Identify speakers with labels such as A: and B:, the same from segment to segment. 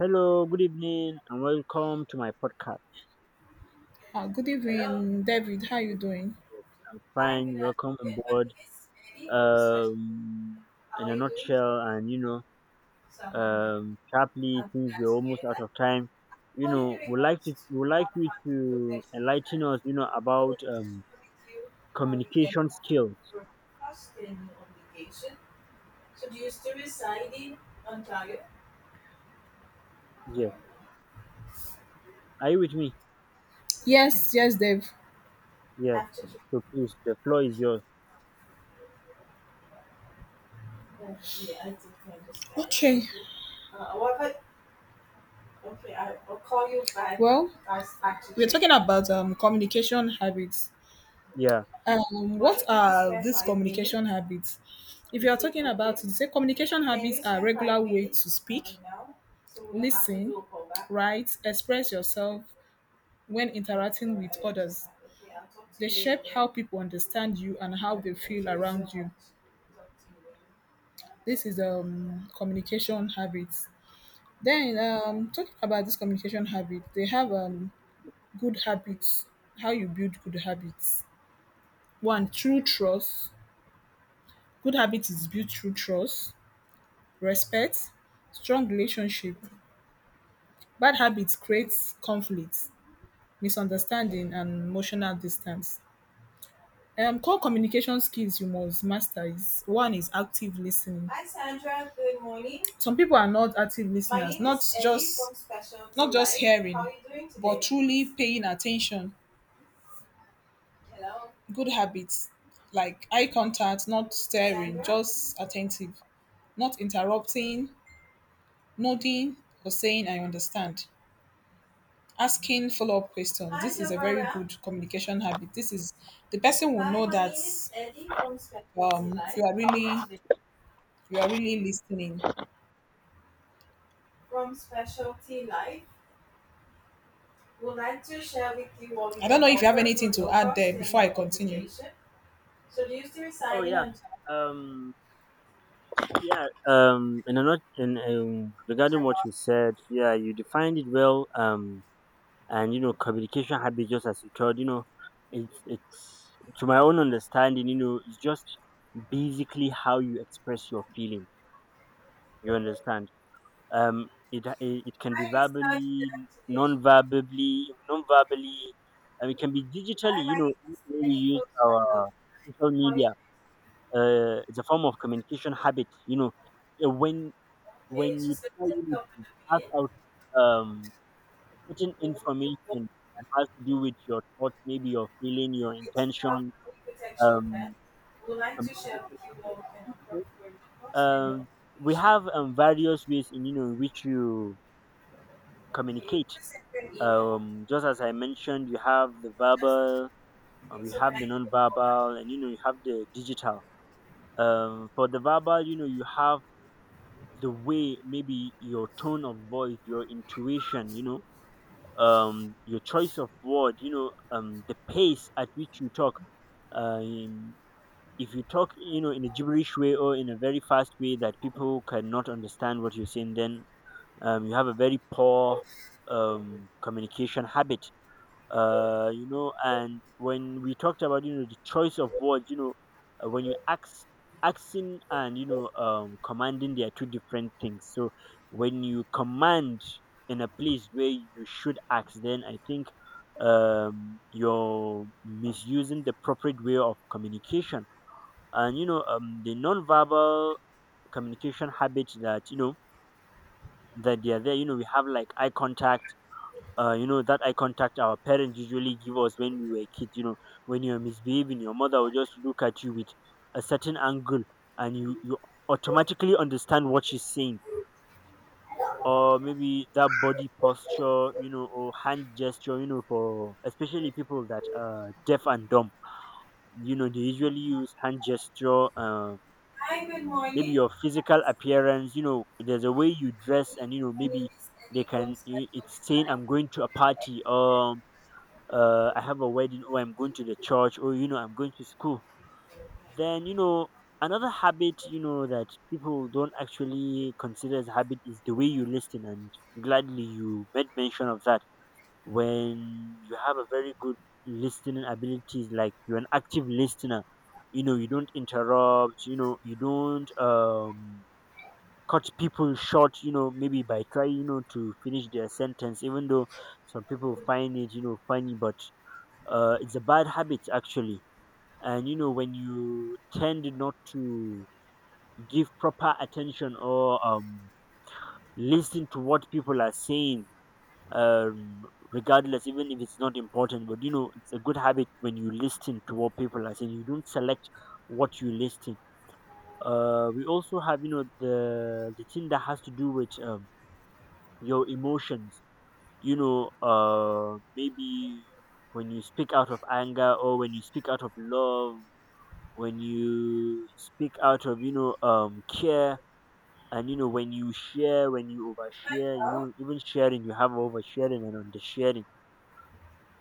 A: Hello, good evening, and welcome to my podcast.
B: Good evening, David. How you
A: Yes,
B: doing?
A: yes, I'm fine. Welcome on board. Um, in a nutshell, and sharply, since we're almost out of time, would like to would like you to enlighten us, about communication skills. Yes, are you with me?
B: Yes, yes, Dave.
A: Yes. So please, the floor is yours.
B: Okay. Well, we're talking about communication habits.
A: Yeah.
B: What are these communication habits? If you are talking about it, say communication habits are regular way to speak, listen, write, express yourself when interacting with others. They shape how people understand you and how they feel around you. This is communication habits. Then talking about this communication habit, they have good habits. How you build good habits. One, true trust. Good habit is built through trust, respect, strong relationship. Bad habits creates conflict, misunderstanding, and emotional distance. Core communication skills you must master is one is active listening. Some people are not active My listeners, not just not Two just hearing, but truly paying attention. Good habits like eye contact, not staring, just attentive, not interrupting, nodding or saying I understand. Asking follow-up questions. This is a very good communication habit. This is the person will know that you are really You are really listening.
A: Oh yeah. Um, Yeah. In a not in regarding what you said, yeah, you defined it well. And communication habits, just as you told, it's to my own understanding, it's just basically how you express your feeling. You understand? It can be verbally, non-verbally, non-verbally. And it can be digitally. You know, when we use our social media. It's a form of communication habit. When you try to pass out um, a certain information that has to do with your thought, maybe your feeling, your intention, um, communication, um, we have various ways in in which you communicate. Just as I mentioned, you have the verbal, you have the non-verbal, and you have the digital. For the verbal, you have the way, maybe your tone of voice, your intuition, your choice of word the pace at which you talk. um if you talk in a gibberish way or in a very fast way that people cannot understand what you're saying, then you have a very poor communication habit. You know, and when we talked about the choice of words, when you ask asking and commanding, they are two different things. So when you command in a place where you should ask, then I think you're misusing the appropriate way of communication. And the non-verbal communication habits that that they are there, we have like eye contact. You know, that eye contact our parents usually give us when we were kids. You know, when you're misbehaving, your mother will just look at you with a certain angle, and you automatically understand what she's saying, or maybe that body posture, you know, or hand gesture, you know, for especially people that are deaf and dumb. You know, they usually use hand gesture. Maybe your physical appearance. You know, there's a way you dress, and you know, maybe It's saying, "I'm going to a party," or I have a wedding, or I'm going to the church, or you know, I'm going to school. Then, you know, another habit, you know, that people don't actually consider as habit is the way you listen. And gladly you made mention of that. When you have a very good listening abilities, like you're an active listener, you know, you don't interrupt, you know, you don't cut people short, you know, maybe by trying, you know, to finish their sentence, even though some people find it, you know, funny, but it's a bad habit actually. And you know, when you tend not to give proper attention or listen to what people are saying, um, regardless, even if it's not important, but you know it's a good habit when you listen to what people are saying. You don't select what you listen. We also have the thing that has to do with your emotions, maybe when you speak out of anger or when you speak out of love, when you speak out of care. And you know, when you share, when you overshare, you know, even sharing, you have oversharing and undersharing.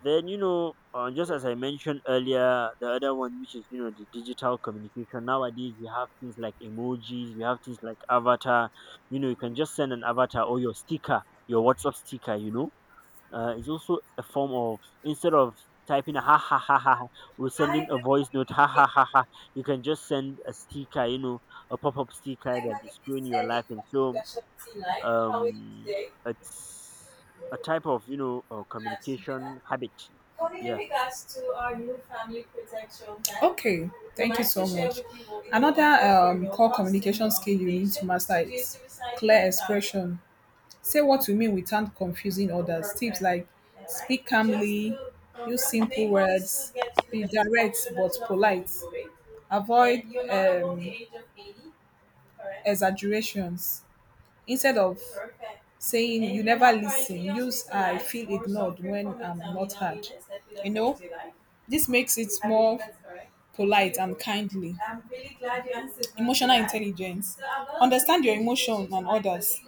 A: Then you know, just as I mentioned earlier, the other one, which is you know, the digital communication. Nowadays we have things like emojis, we have things like avatar. You know, you can just send an avatar or your sticker, your WhatsApp sticker, you know. It's also a form of, instead of typing ha ha ha ha ha, or sending a voice note ha ha ha ha. You can just send a sticker, you know, a pop up sticker that is showing your life. And so um, it's a type of you know communication habit. Yeah.
B: Okay, would Say what you mean without confusing like Just exaggerations, instead of saying you never listen, use I feel ignored when I'm not heard. You know, this makes it more polite and kindly. Emotional intelligence. Understand your emotion and others.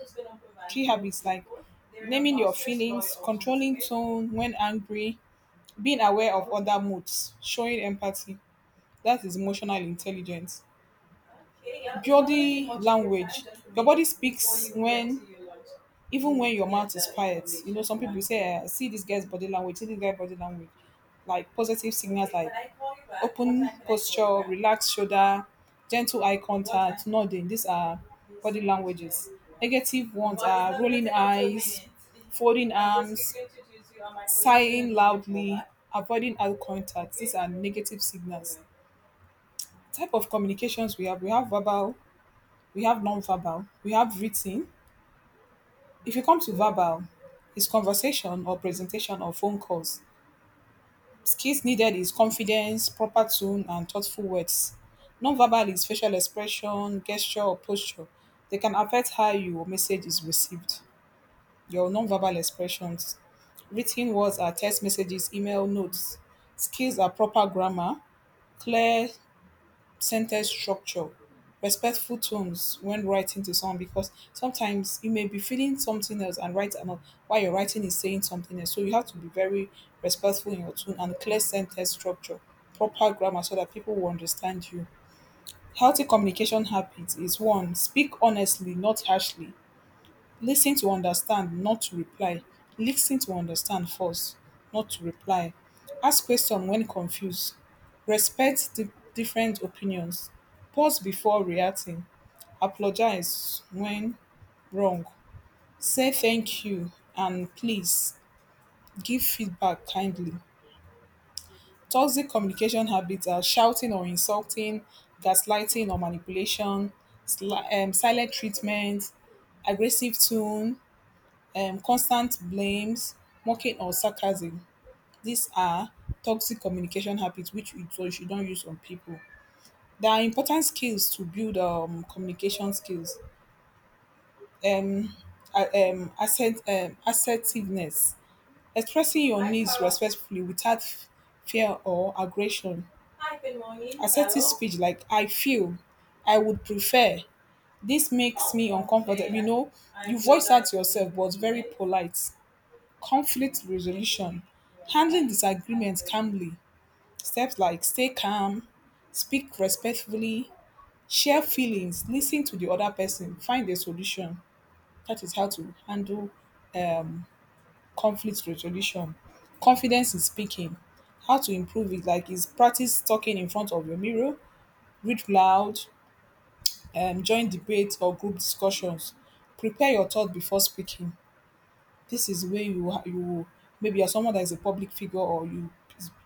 B: Key habits like naming your feelings, controlling tone when angry, being aware of other moods, showing empathy. That is emotional intelligence. Body language. Your body speaks when, even when your mouth is quiet. You know, some people say, "See this guy's body language. See this guy's body language." Like positive signals, like open posture, relaxed shoulder, gentle eye contact, nodding. These are body languages. Negative ones are rolling eyes, folding arms, sighing loudly, avoiding eye contact. These are negative signals. Type of communications we have verbal, we have non-verbal, we have written. If you come to verbal, it's conversation or presentation or phone calls. Skills needed is confidence, proper tone, and thoughtful words. Non-verbal is facial expression, gesture, or posture. They can affect how your message is received. Your non-verbal expressions. Written words are text messages, email, notes. Skills are proper grammar, clear sentence structure, respectful tones when writing to someone because sometimes you may be feeling something else and write another while you're writing is saying something else. So you have to be very respectful in your tone and clear sentence structure, proper grammar so that people will understand you. Healthy communication habits is one, speak honestly, not harshly. Lis ten to understand, not to reply. Lis ten to understand first, not to reply. Ask question when confused. Respect different opinions. Pause before reacting. Apologize when wrong. Say thank you and please give feedback kindly. Toxic communication habits are shouting or insulting, gaslighting or manipulation, silent treatment, aggressive tone, constant blames, mocking or sarcasm. These are toxic communication habits which you don't use on people. There are important skills to build communication skills. Um, Assertiveness, expressing your needs respectfully without fear or aggression. Assertive speech like I feel, I would prefer. This makes me uncomfortable. You know, you voice out yourself, but very polite. Conflict resolution, handling disagreements calmly, steps like stay calm, speak respectfully, share feelings, listen to the other person, find a solution. That is how to handle conflict resolution. Confidence in speaking, how to improve it, like is practice talking in front of your mirror, read loud, join debates or group discussions, prepare your thought before speaking. This is where you maybe you're someone that is a public figure or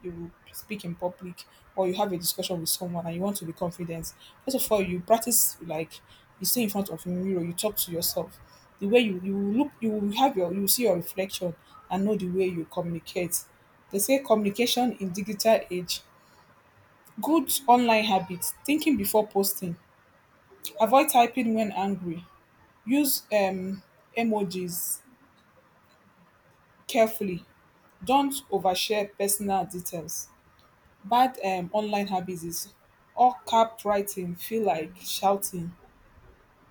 B: you speak in public or you have a discussion with someone and you want to be confident. First of all, you practice like you stay in front of a mirror, you talk to yourself. The way you look, you will have your you will see your reflection and know the way you communicate. They say communication in digital age. Good online habits: thinking before posting, avoid typing when angry, use emojis carefully. Don't overshare personal details. Bad online habits is all cap writing feel like shouting,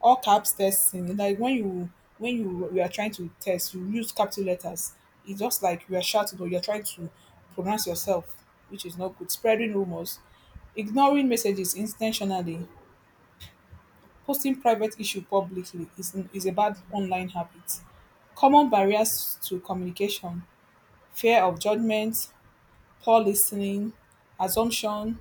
B: all caps testing. Like when you are trying to test, you use capital letters. It's just like you are shouting or you're trying to pronounce yourself, which is not good. Spreading rumors, ignoring messages intentionally, posting private issue publicly is a bad online habit. Common barriers to communication, fear of judgment, poor listening, assumption,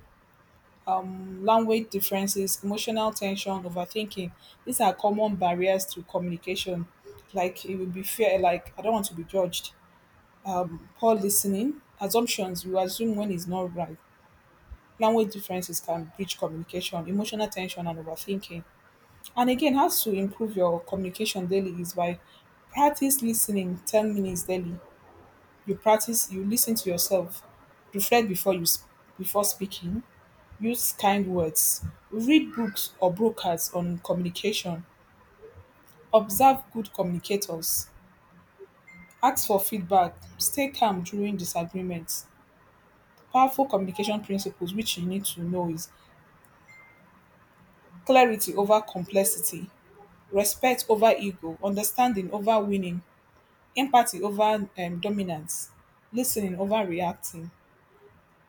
B: language differences, emotional tension, overthinking. These are common barriers to communication. Like it will be fear, like I don't want to be judged. Poor listening, assumptions, you assume when it's not right. Language differences can breach communication, emotional tension, and overthinking. And again, how to improve your communication daily is by practice listening 10 minutes daily. You practice, you listen to yourself, reflect before before speaking, use kind words, read books or brokers on communication, observe good communicators, ask for feedback, stay calm during disagreements. Powerful communication principles which you need to know is clarity over complexity, respect over ego, understanding over winning, empathy over dominance, listening over reacting.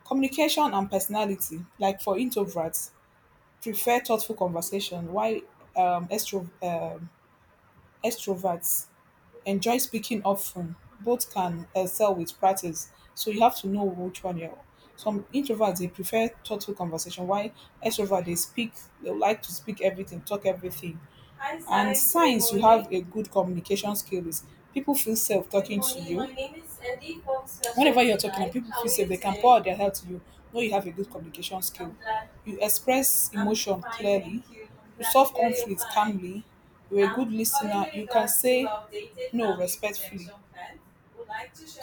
B: Communication and personality, like for introverts prefer thoughtful conversation, while um, extro, um, extroverts enjoy speaking often. Both can excel with practice, so you have to know which one you're. Some introverts they prefer thoughtful conversation, while extroverts they like to speak everything, talk everything. And signs you have a good communication skill is people feel safe talking to you. Whenever you're talking and people feel safe, they can pour out their heart to you. Know you have a good communication skill. You express emotion clearly. You solve conflicts calmly, you're a good listener, you can say no respectfully.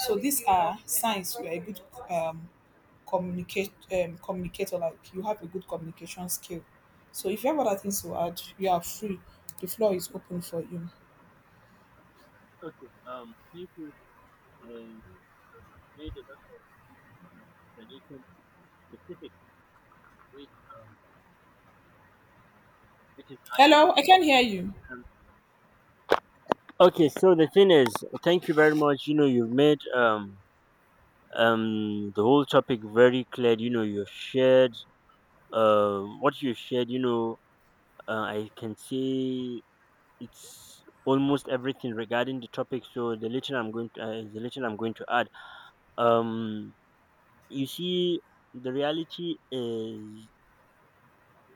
B: So these are signs you're a good um, communicate communicator. Like you have a good communication skill. So if you have other things to add, you are free. The floor is open for you.
A: Okay. Thank you. Um. Made a lot of explanation specific which um it is.
B: Hello, I can hear you.
A: Um, okay. So the thing is, thank you very much. You know, you've made the whole topic very clear. You know, you've shared what you shared, you know. I can say it's almost everything regarding the topic. So the little I'm going to add um you see, the reality is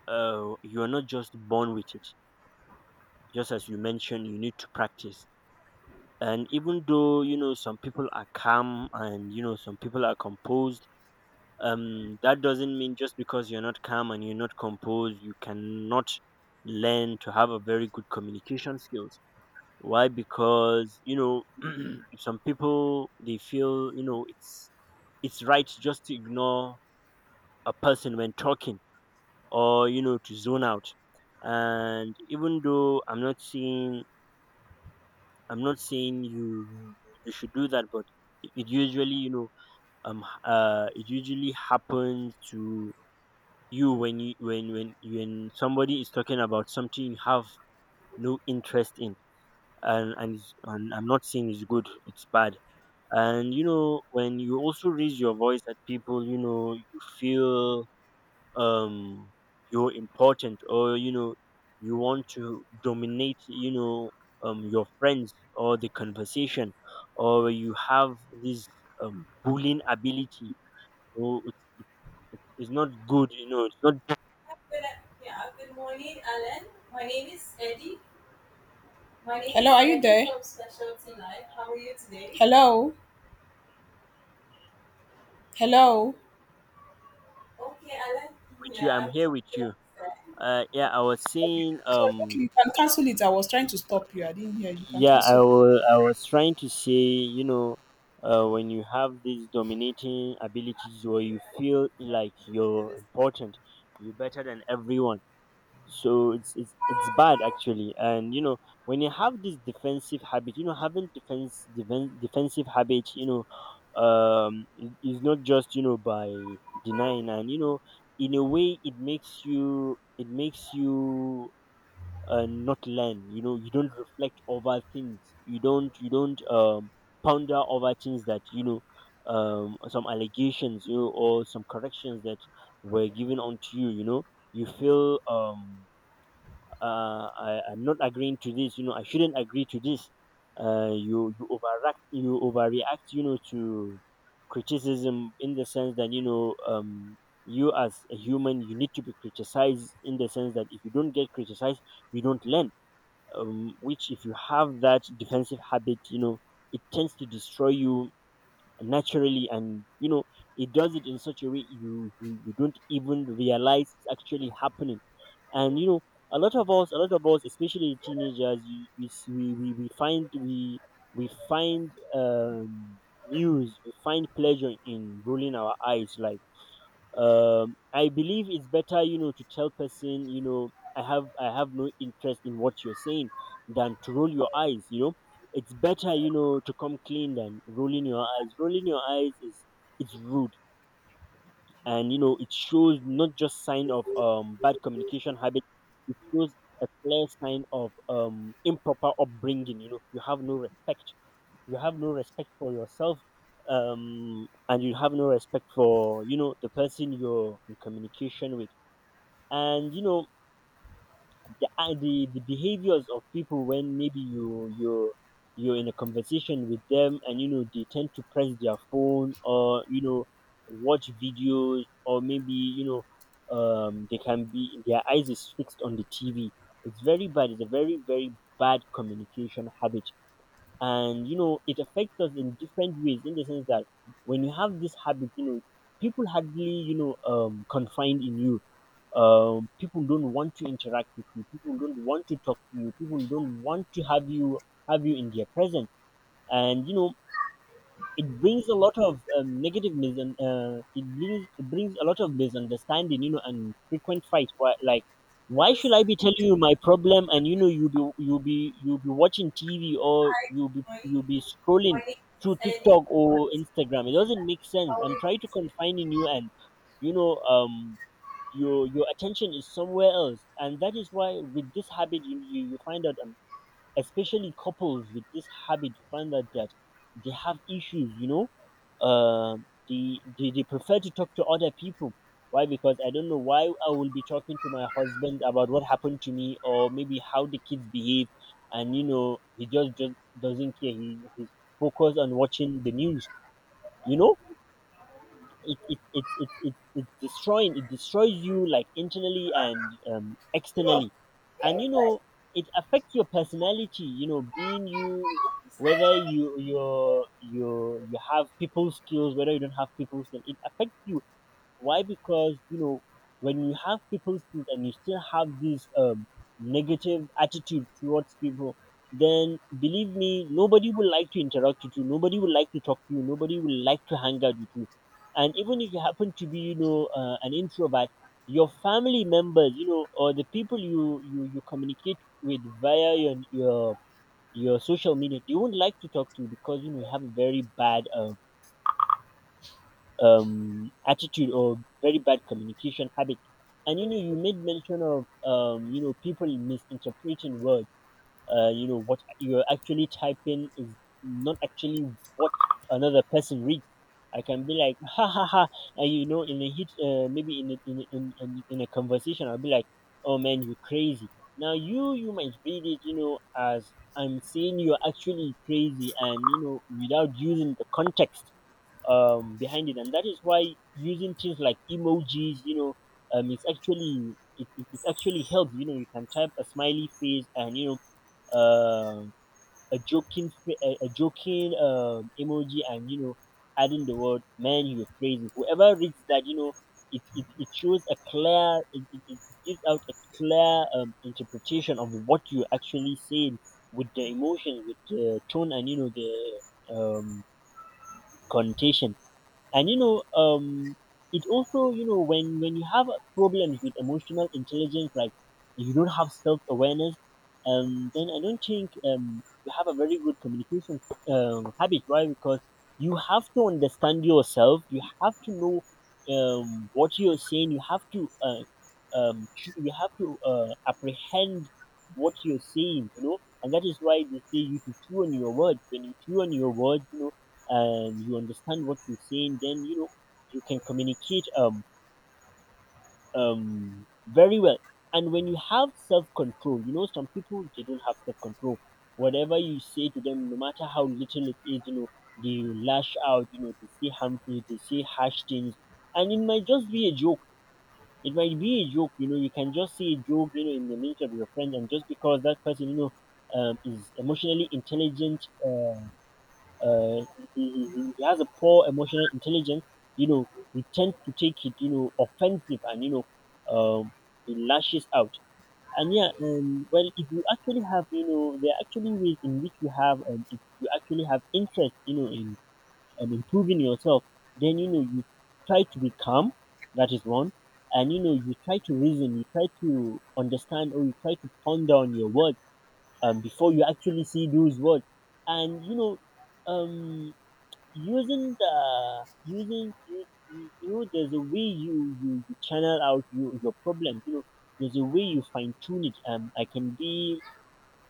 A: you are not just born with it. Just as you mentioned, you need to practice. And even though you know some people are calm and you know some people are composed, that doesn't mean just because you're not calm and you're not composed you cannot learn to have a very good communication skills. Why? Because you know some people they feel you know it's right just to ignore a person when talking, or you know, to zone out. And even though I'm not saying you should do that, but it usually you know, it usually happens to you when you when somebody is talking about something you have no interest in. It's- and I'm not saying it's good, it's bad. And you know, when you also raise your voice at people, you know you feel um you're important or you know you want to dominate, you know, your friends or the conversation, or you have this bullying ability, or it's not good, you know, it's not good.
B: Hello, are you there? Hello, hello.
A: With you, I'm here with you. Yeah, I was
B: Sorry,
A: saying,
B: sorry. Okay, you can cancel it. I was trying to stop you. I didn't hear. You can
A: yeah,
B: cancel.
A: I was trying to say, you know, when you have these dominating abilities where you feel like you're important, you're better than everyone. So it's bad actually. And, you know, when you have this defensive habit, you know, having defense, defen defensive habit, you know, is not just, you know, by denying and, you know, in a way it makes you, and not learn. You know, you don't reflect over things. You don't ponder over things that you know some allegations, you know, or some corrections that were given onto you, you know. You feel I, I'm not agreeing to this, you know, I shouldn't agree to this. You you overreact, you know, to criticism, in the sense that you know you as a human, you need to be criticized in the sense that if you don't get criticized you don't learn. Which, if you have that defensive habit, you know, it tends to destroy you naturally. And you know, it does it in such a way you don't even realize it's actually happening. And you know, a lot of us, especially teenagers, you, we, s- we find we find we find pleasure in rolling our eyes. Like I believe it's better you know to tell person, you know, I have no interest in what you're saying, than to roll your eyes, you know. It's better, you know, to come clean than rolling your eyes. Rolling your eyes is, it's rude. And you know, it shows not just sign of bad communication habit. It shows a clear sign of improper upbringing. You know, you have no respect, you have no respect for yourself. And you have no respect for you know the person you're in communication with. And you know, the the behaviors of people when maybe you're in a conversation with them and you know they tend to press their phone, or you know, watch videos, or maybe you know they can be, their eyes is fixed on the TV. It's very bad. It's a very very bad communication habit. And you know it affects us in different ways, in the sense that when you have this habit, you know, people hardly you know confide in you. People don't want to interact with you, people don't want to talk to you, people don't want to have you in their presence. And you know, it brings a lot of it brings a lot of misunderstanding, you know, and frequent fights. Why, like why should I be telling you my problem and you know you be watching TV, or you be scrolling through TikTok or Instagram. It doesn't make sense. I'm trying to confine in you, and you know um your attention is somewhere else. And that is why with this habit, you find out, especially couples with this habit, find out that they have issues. They prefer to talk to other people. Why? Because I don't know why I will be talking to my husband about what happened to me, or maybe how the kids behave, and he just doesn't care. He's focused on watching the news you know it it it it it it's destroying It destroys you, like, internally and externally. And it affects your personality, being you. Whether you have people skills, whether you don't have people skills, it affects you. Why? Because when you have people skills and you still have this negative attitude towards people, then believe me, nobody will like to interact with you. Nobody will like to talk to you. Nobody will like to hang out with you. And even if you happen to be, an introvert, your family members, you know, or the people you communicate with via your social media, they won't like to talk to you, because you have a very bad attitude or very bad communication habit. And you made mention of people misinterpreting words. What you're actually typing is not actually what another person reads. I can be like, ha ha ha. And in a hit, maybe in a conversation, I'll be like, "Oh man, you crazy." Now you might read it, as I'm saying you're actually crazy, and without using the context behind it. And that is why using things like emojis, it actually helps. You know, you can type a smiley face and know um a joking emoji, and adding the word "man, you're crazy." Whoever reads that, you know, it shows a clear it, it, it gives out a clear interpretation of what you're actually saying, with the emotions, with the tone, and the connotation. And it also, when you have problems with emotional intelligence, like, you don't have self awareness, then I don't think you have a very good communication habit, right? Because you have to understand yourself. You have to know what you're saying. You have to apprehend what you're saying, you know. And that is why they say you should chew on your words. When you chew on your words, and you understand what you're saying, then you can communicate very well. And when you have self control, you know, some people, they don't have self control. Whatever you say to them, no matter how little it is, you know, they lash out. You know, they say harmful, they say harsh things, and it might just be a joke. It might be a joke. You know, you can just say a joke. You know, in the midst of your friend, and just because that person, you know, is emotionally intelligent, uh, he has a poor emotional intelligence. You know, he tends to take it, you know, offensive and, you know, um, he lashes out. And yeah, well, if you actually have, you know, there are actually ways in which you have, if you actually have interest, you know, in improving yourself, then, you know, you try to be calm. That is one. And, you know, you try to reason, you try to understand, or you try to ponder on your words before you actually see those words. And, you know, um, using the using you know there's a way you channel out your problems, you know. There's a way you fine tune it. I can be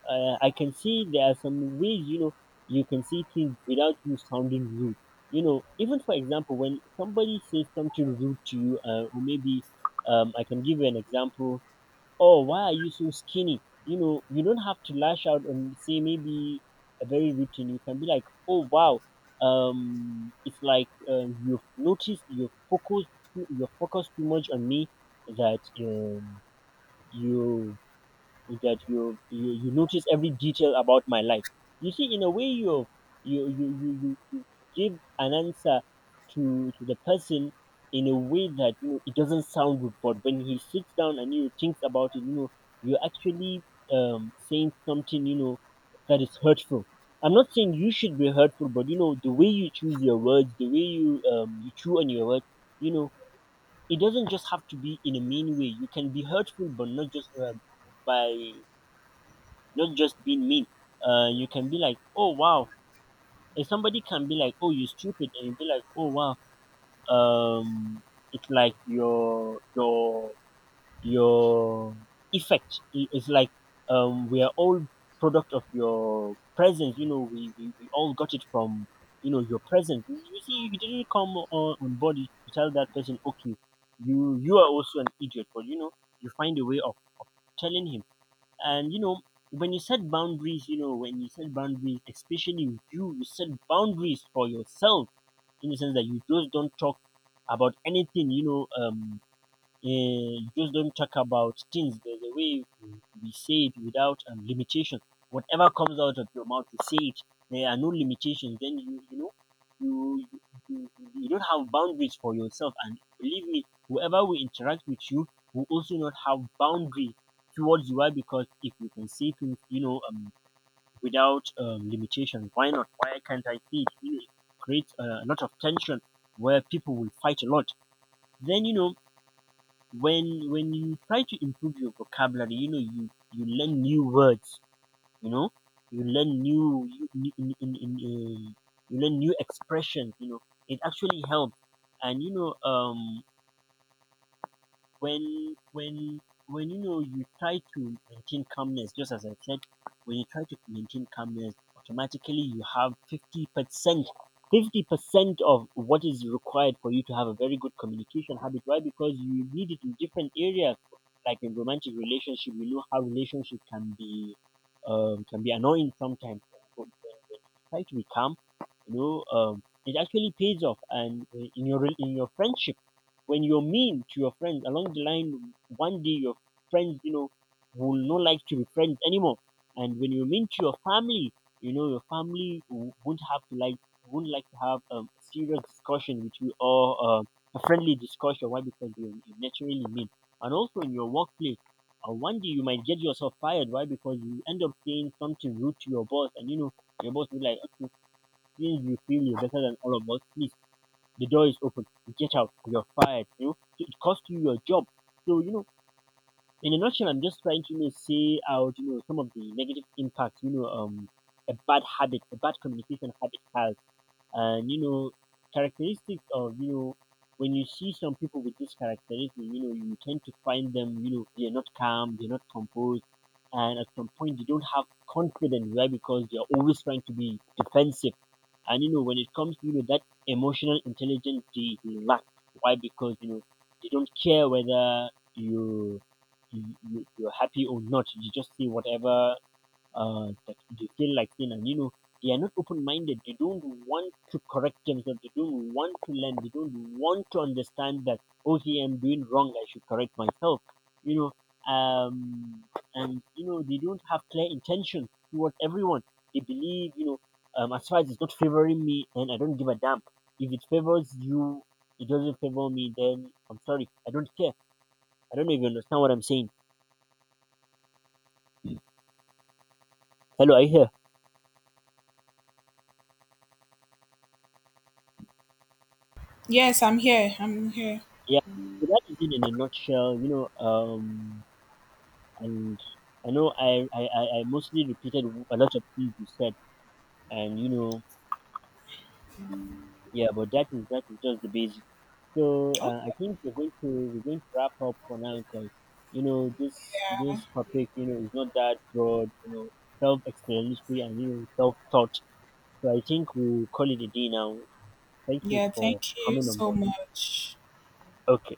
A: uh, I can see there are some ways, you know, you can see things without you sounding rude, you know. Even for example, when somebody says something rude to you, or maybe I can give you an example. "Oh, why are you so skinny?" You know, you don't have to lash out and say maybe a very routine. You can be like, "Oh wow, it's like, you've noticed, you've focused too much on me that, you you notice every detail about my life." You see, in a way you give an answer to the person, in a way that, you know, it doesn't sound good, but when he sits down and you thinks about it, you know, you're actually saying something, you know, that is hurtful. I'm not saying you should be hurtful, but you know, the way you choose your words, the way you chew on your words, you know, it doesn't just have to be in a mean way. You can be hurtful, but not just by, not just being mean. You can be like, "Oh wow," and somebody can be like, "Oh you stupid," and you be like, "Oh wow, um, it's like your your effect is like, we are all product of your presence." You know, we all got it from your presence. You see, you didn't come on board to tell that person, "Okay, you are also an idiot," but you know, you find a way of telling him. And you know, when you set boundaries, you know, when you set boundaries, especially you set boundaries for yourself, in the sense that you just don't talk about anything, you know, eh, just don't talk about things. There's a way to be said without limitation. Whatever comes out of your mouth, you say it. There are no limitations. Then you know you you don't have boundaries for yourself. And believe me, whoever will interact with you will also not have boundaries towards you. Why? Because if you can say things, you know, without limitation, why not? Why can't I say it? You know, it creates a lot of tension where people will fight a lot. Then you know, when you try to improve your vocabulary, you know, you learn new words, you know, you learn new you, you- you learn new expressions, you know, it actually helps. And when when when you know you try to maintain calmness, just as I said. When you try to maintain calmness, automatically you have 50% of what is required for you to have a very good communication habit. Why? Because you need it in different areas, like in romantic relationship. We know how relationship can be, can be annoying sometimes, but when you try to be calm, you know, it actually pays off. And in your in your friendship, when you're mean to your friends, along the line, one day your friends, you know, will not like to be friends anymore. And when you mean to your family, you know, your family won't like to have a serious discussion with you, or a friendly discussion. Why? Because you're naturally mean. And also in your workplace, one day you might get yourself fired. Why? Because you end up saying something rude to your boss, and you know, your boss will be like, "Okay, since you feel you're better than all of us, please, the door is open. Get out. You're fired." You know, so it cost you your job. So you know, in a nutshell, I'm just trying to, say out some of the negative impacts, a bad habit, a bad communication habit has, and you know, characteristics of, you know, when you see some people with this characteristic, you know, you tend to find them, you know, they're not calm, they're not composed, and at some point they don't have confidence, right? Because they're always trying to be defensive, and you know, when it comes to, you know, that emotional intelligence, they lack. Why? Because you know, they don't care whether you, you're happy or not. You just say whatever that they feel like, you know, they are not open-minded, they don't want to correct themselves, they don't want to learn, they don't want to understand that, "Okay, I'm doing wrong, I should correct myself," you know, um and you know, they don't have clear intentions towards everyone. They believe, you know, as far as it's not favoring me, and I don't give a damn. If it favors you, it doesn't favor me, then I'm sorry, I don't care. I don't know if you understand what I'm saying. Hello, are you here?
B: Yes, I'm here. I'm here.
A: Yeah, so that is it in a nutshell, you know, and I know I mostly repeated a lot of things you said, and you know, yeah, but that is just the basic. So
B: Oh,
A: I think we're going to wrap up for now, because you know, this topic, you know, is not that broad, you know, self-explanatory, and you know, self-taught. So I think we'll call it a day now. Thank you
B: yeah,
A: for
B: thank you
A: coming on
B: so
A: board.
B: much.
A: Okay.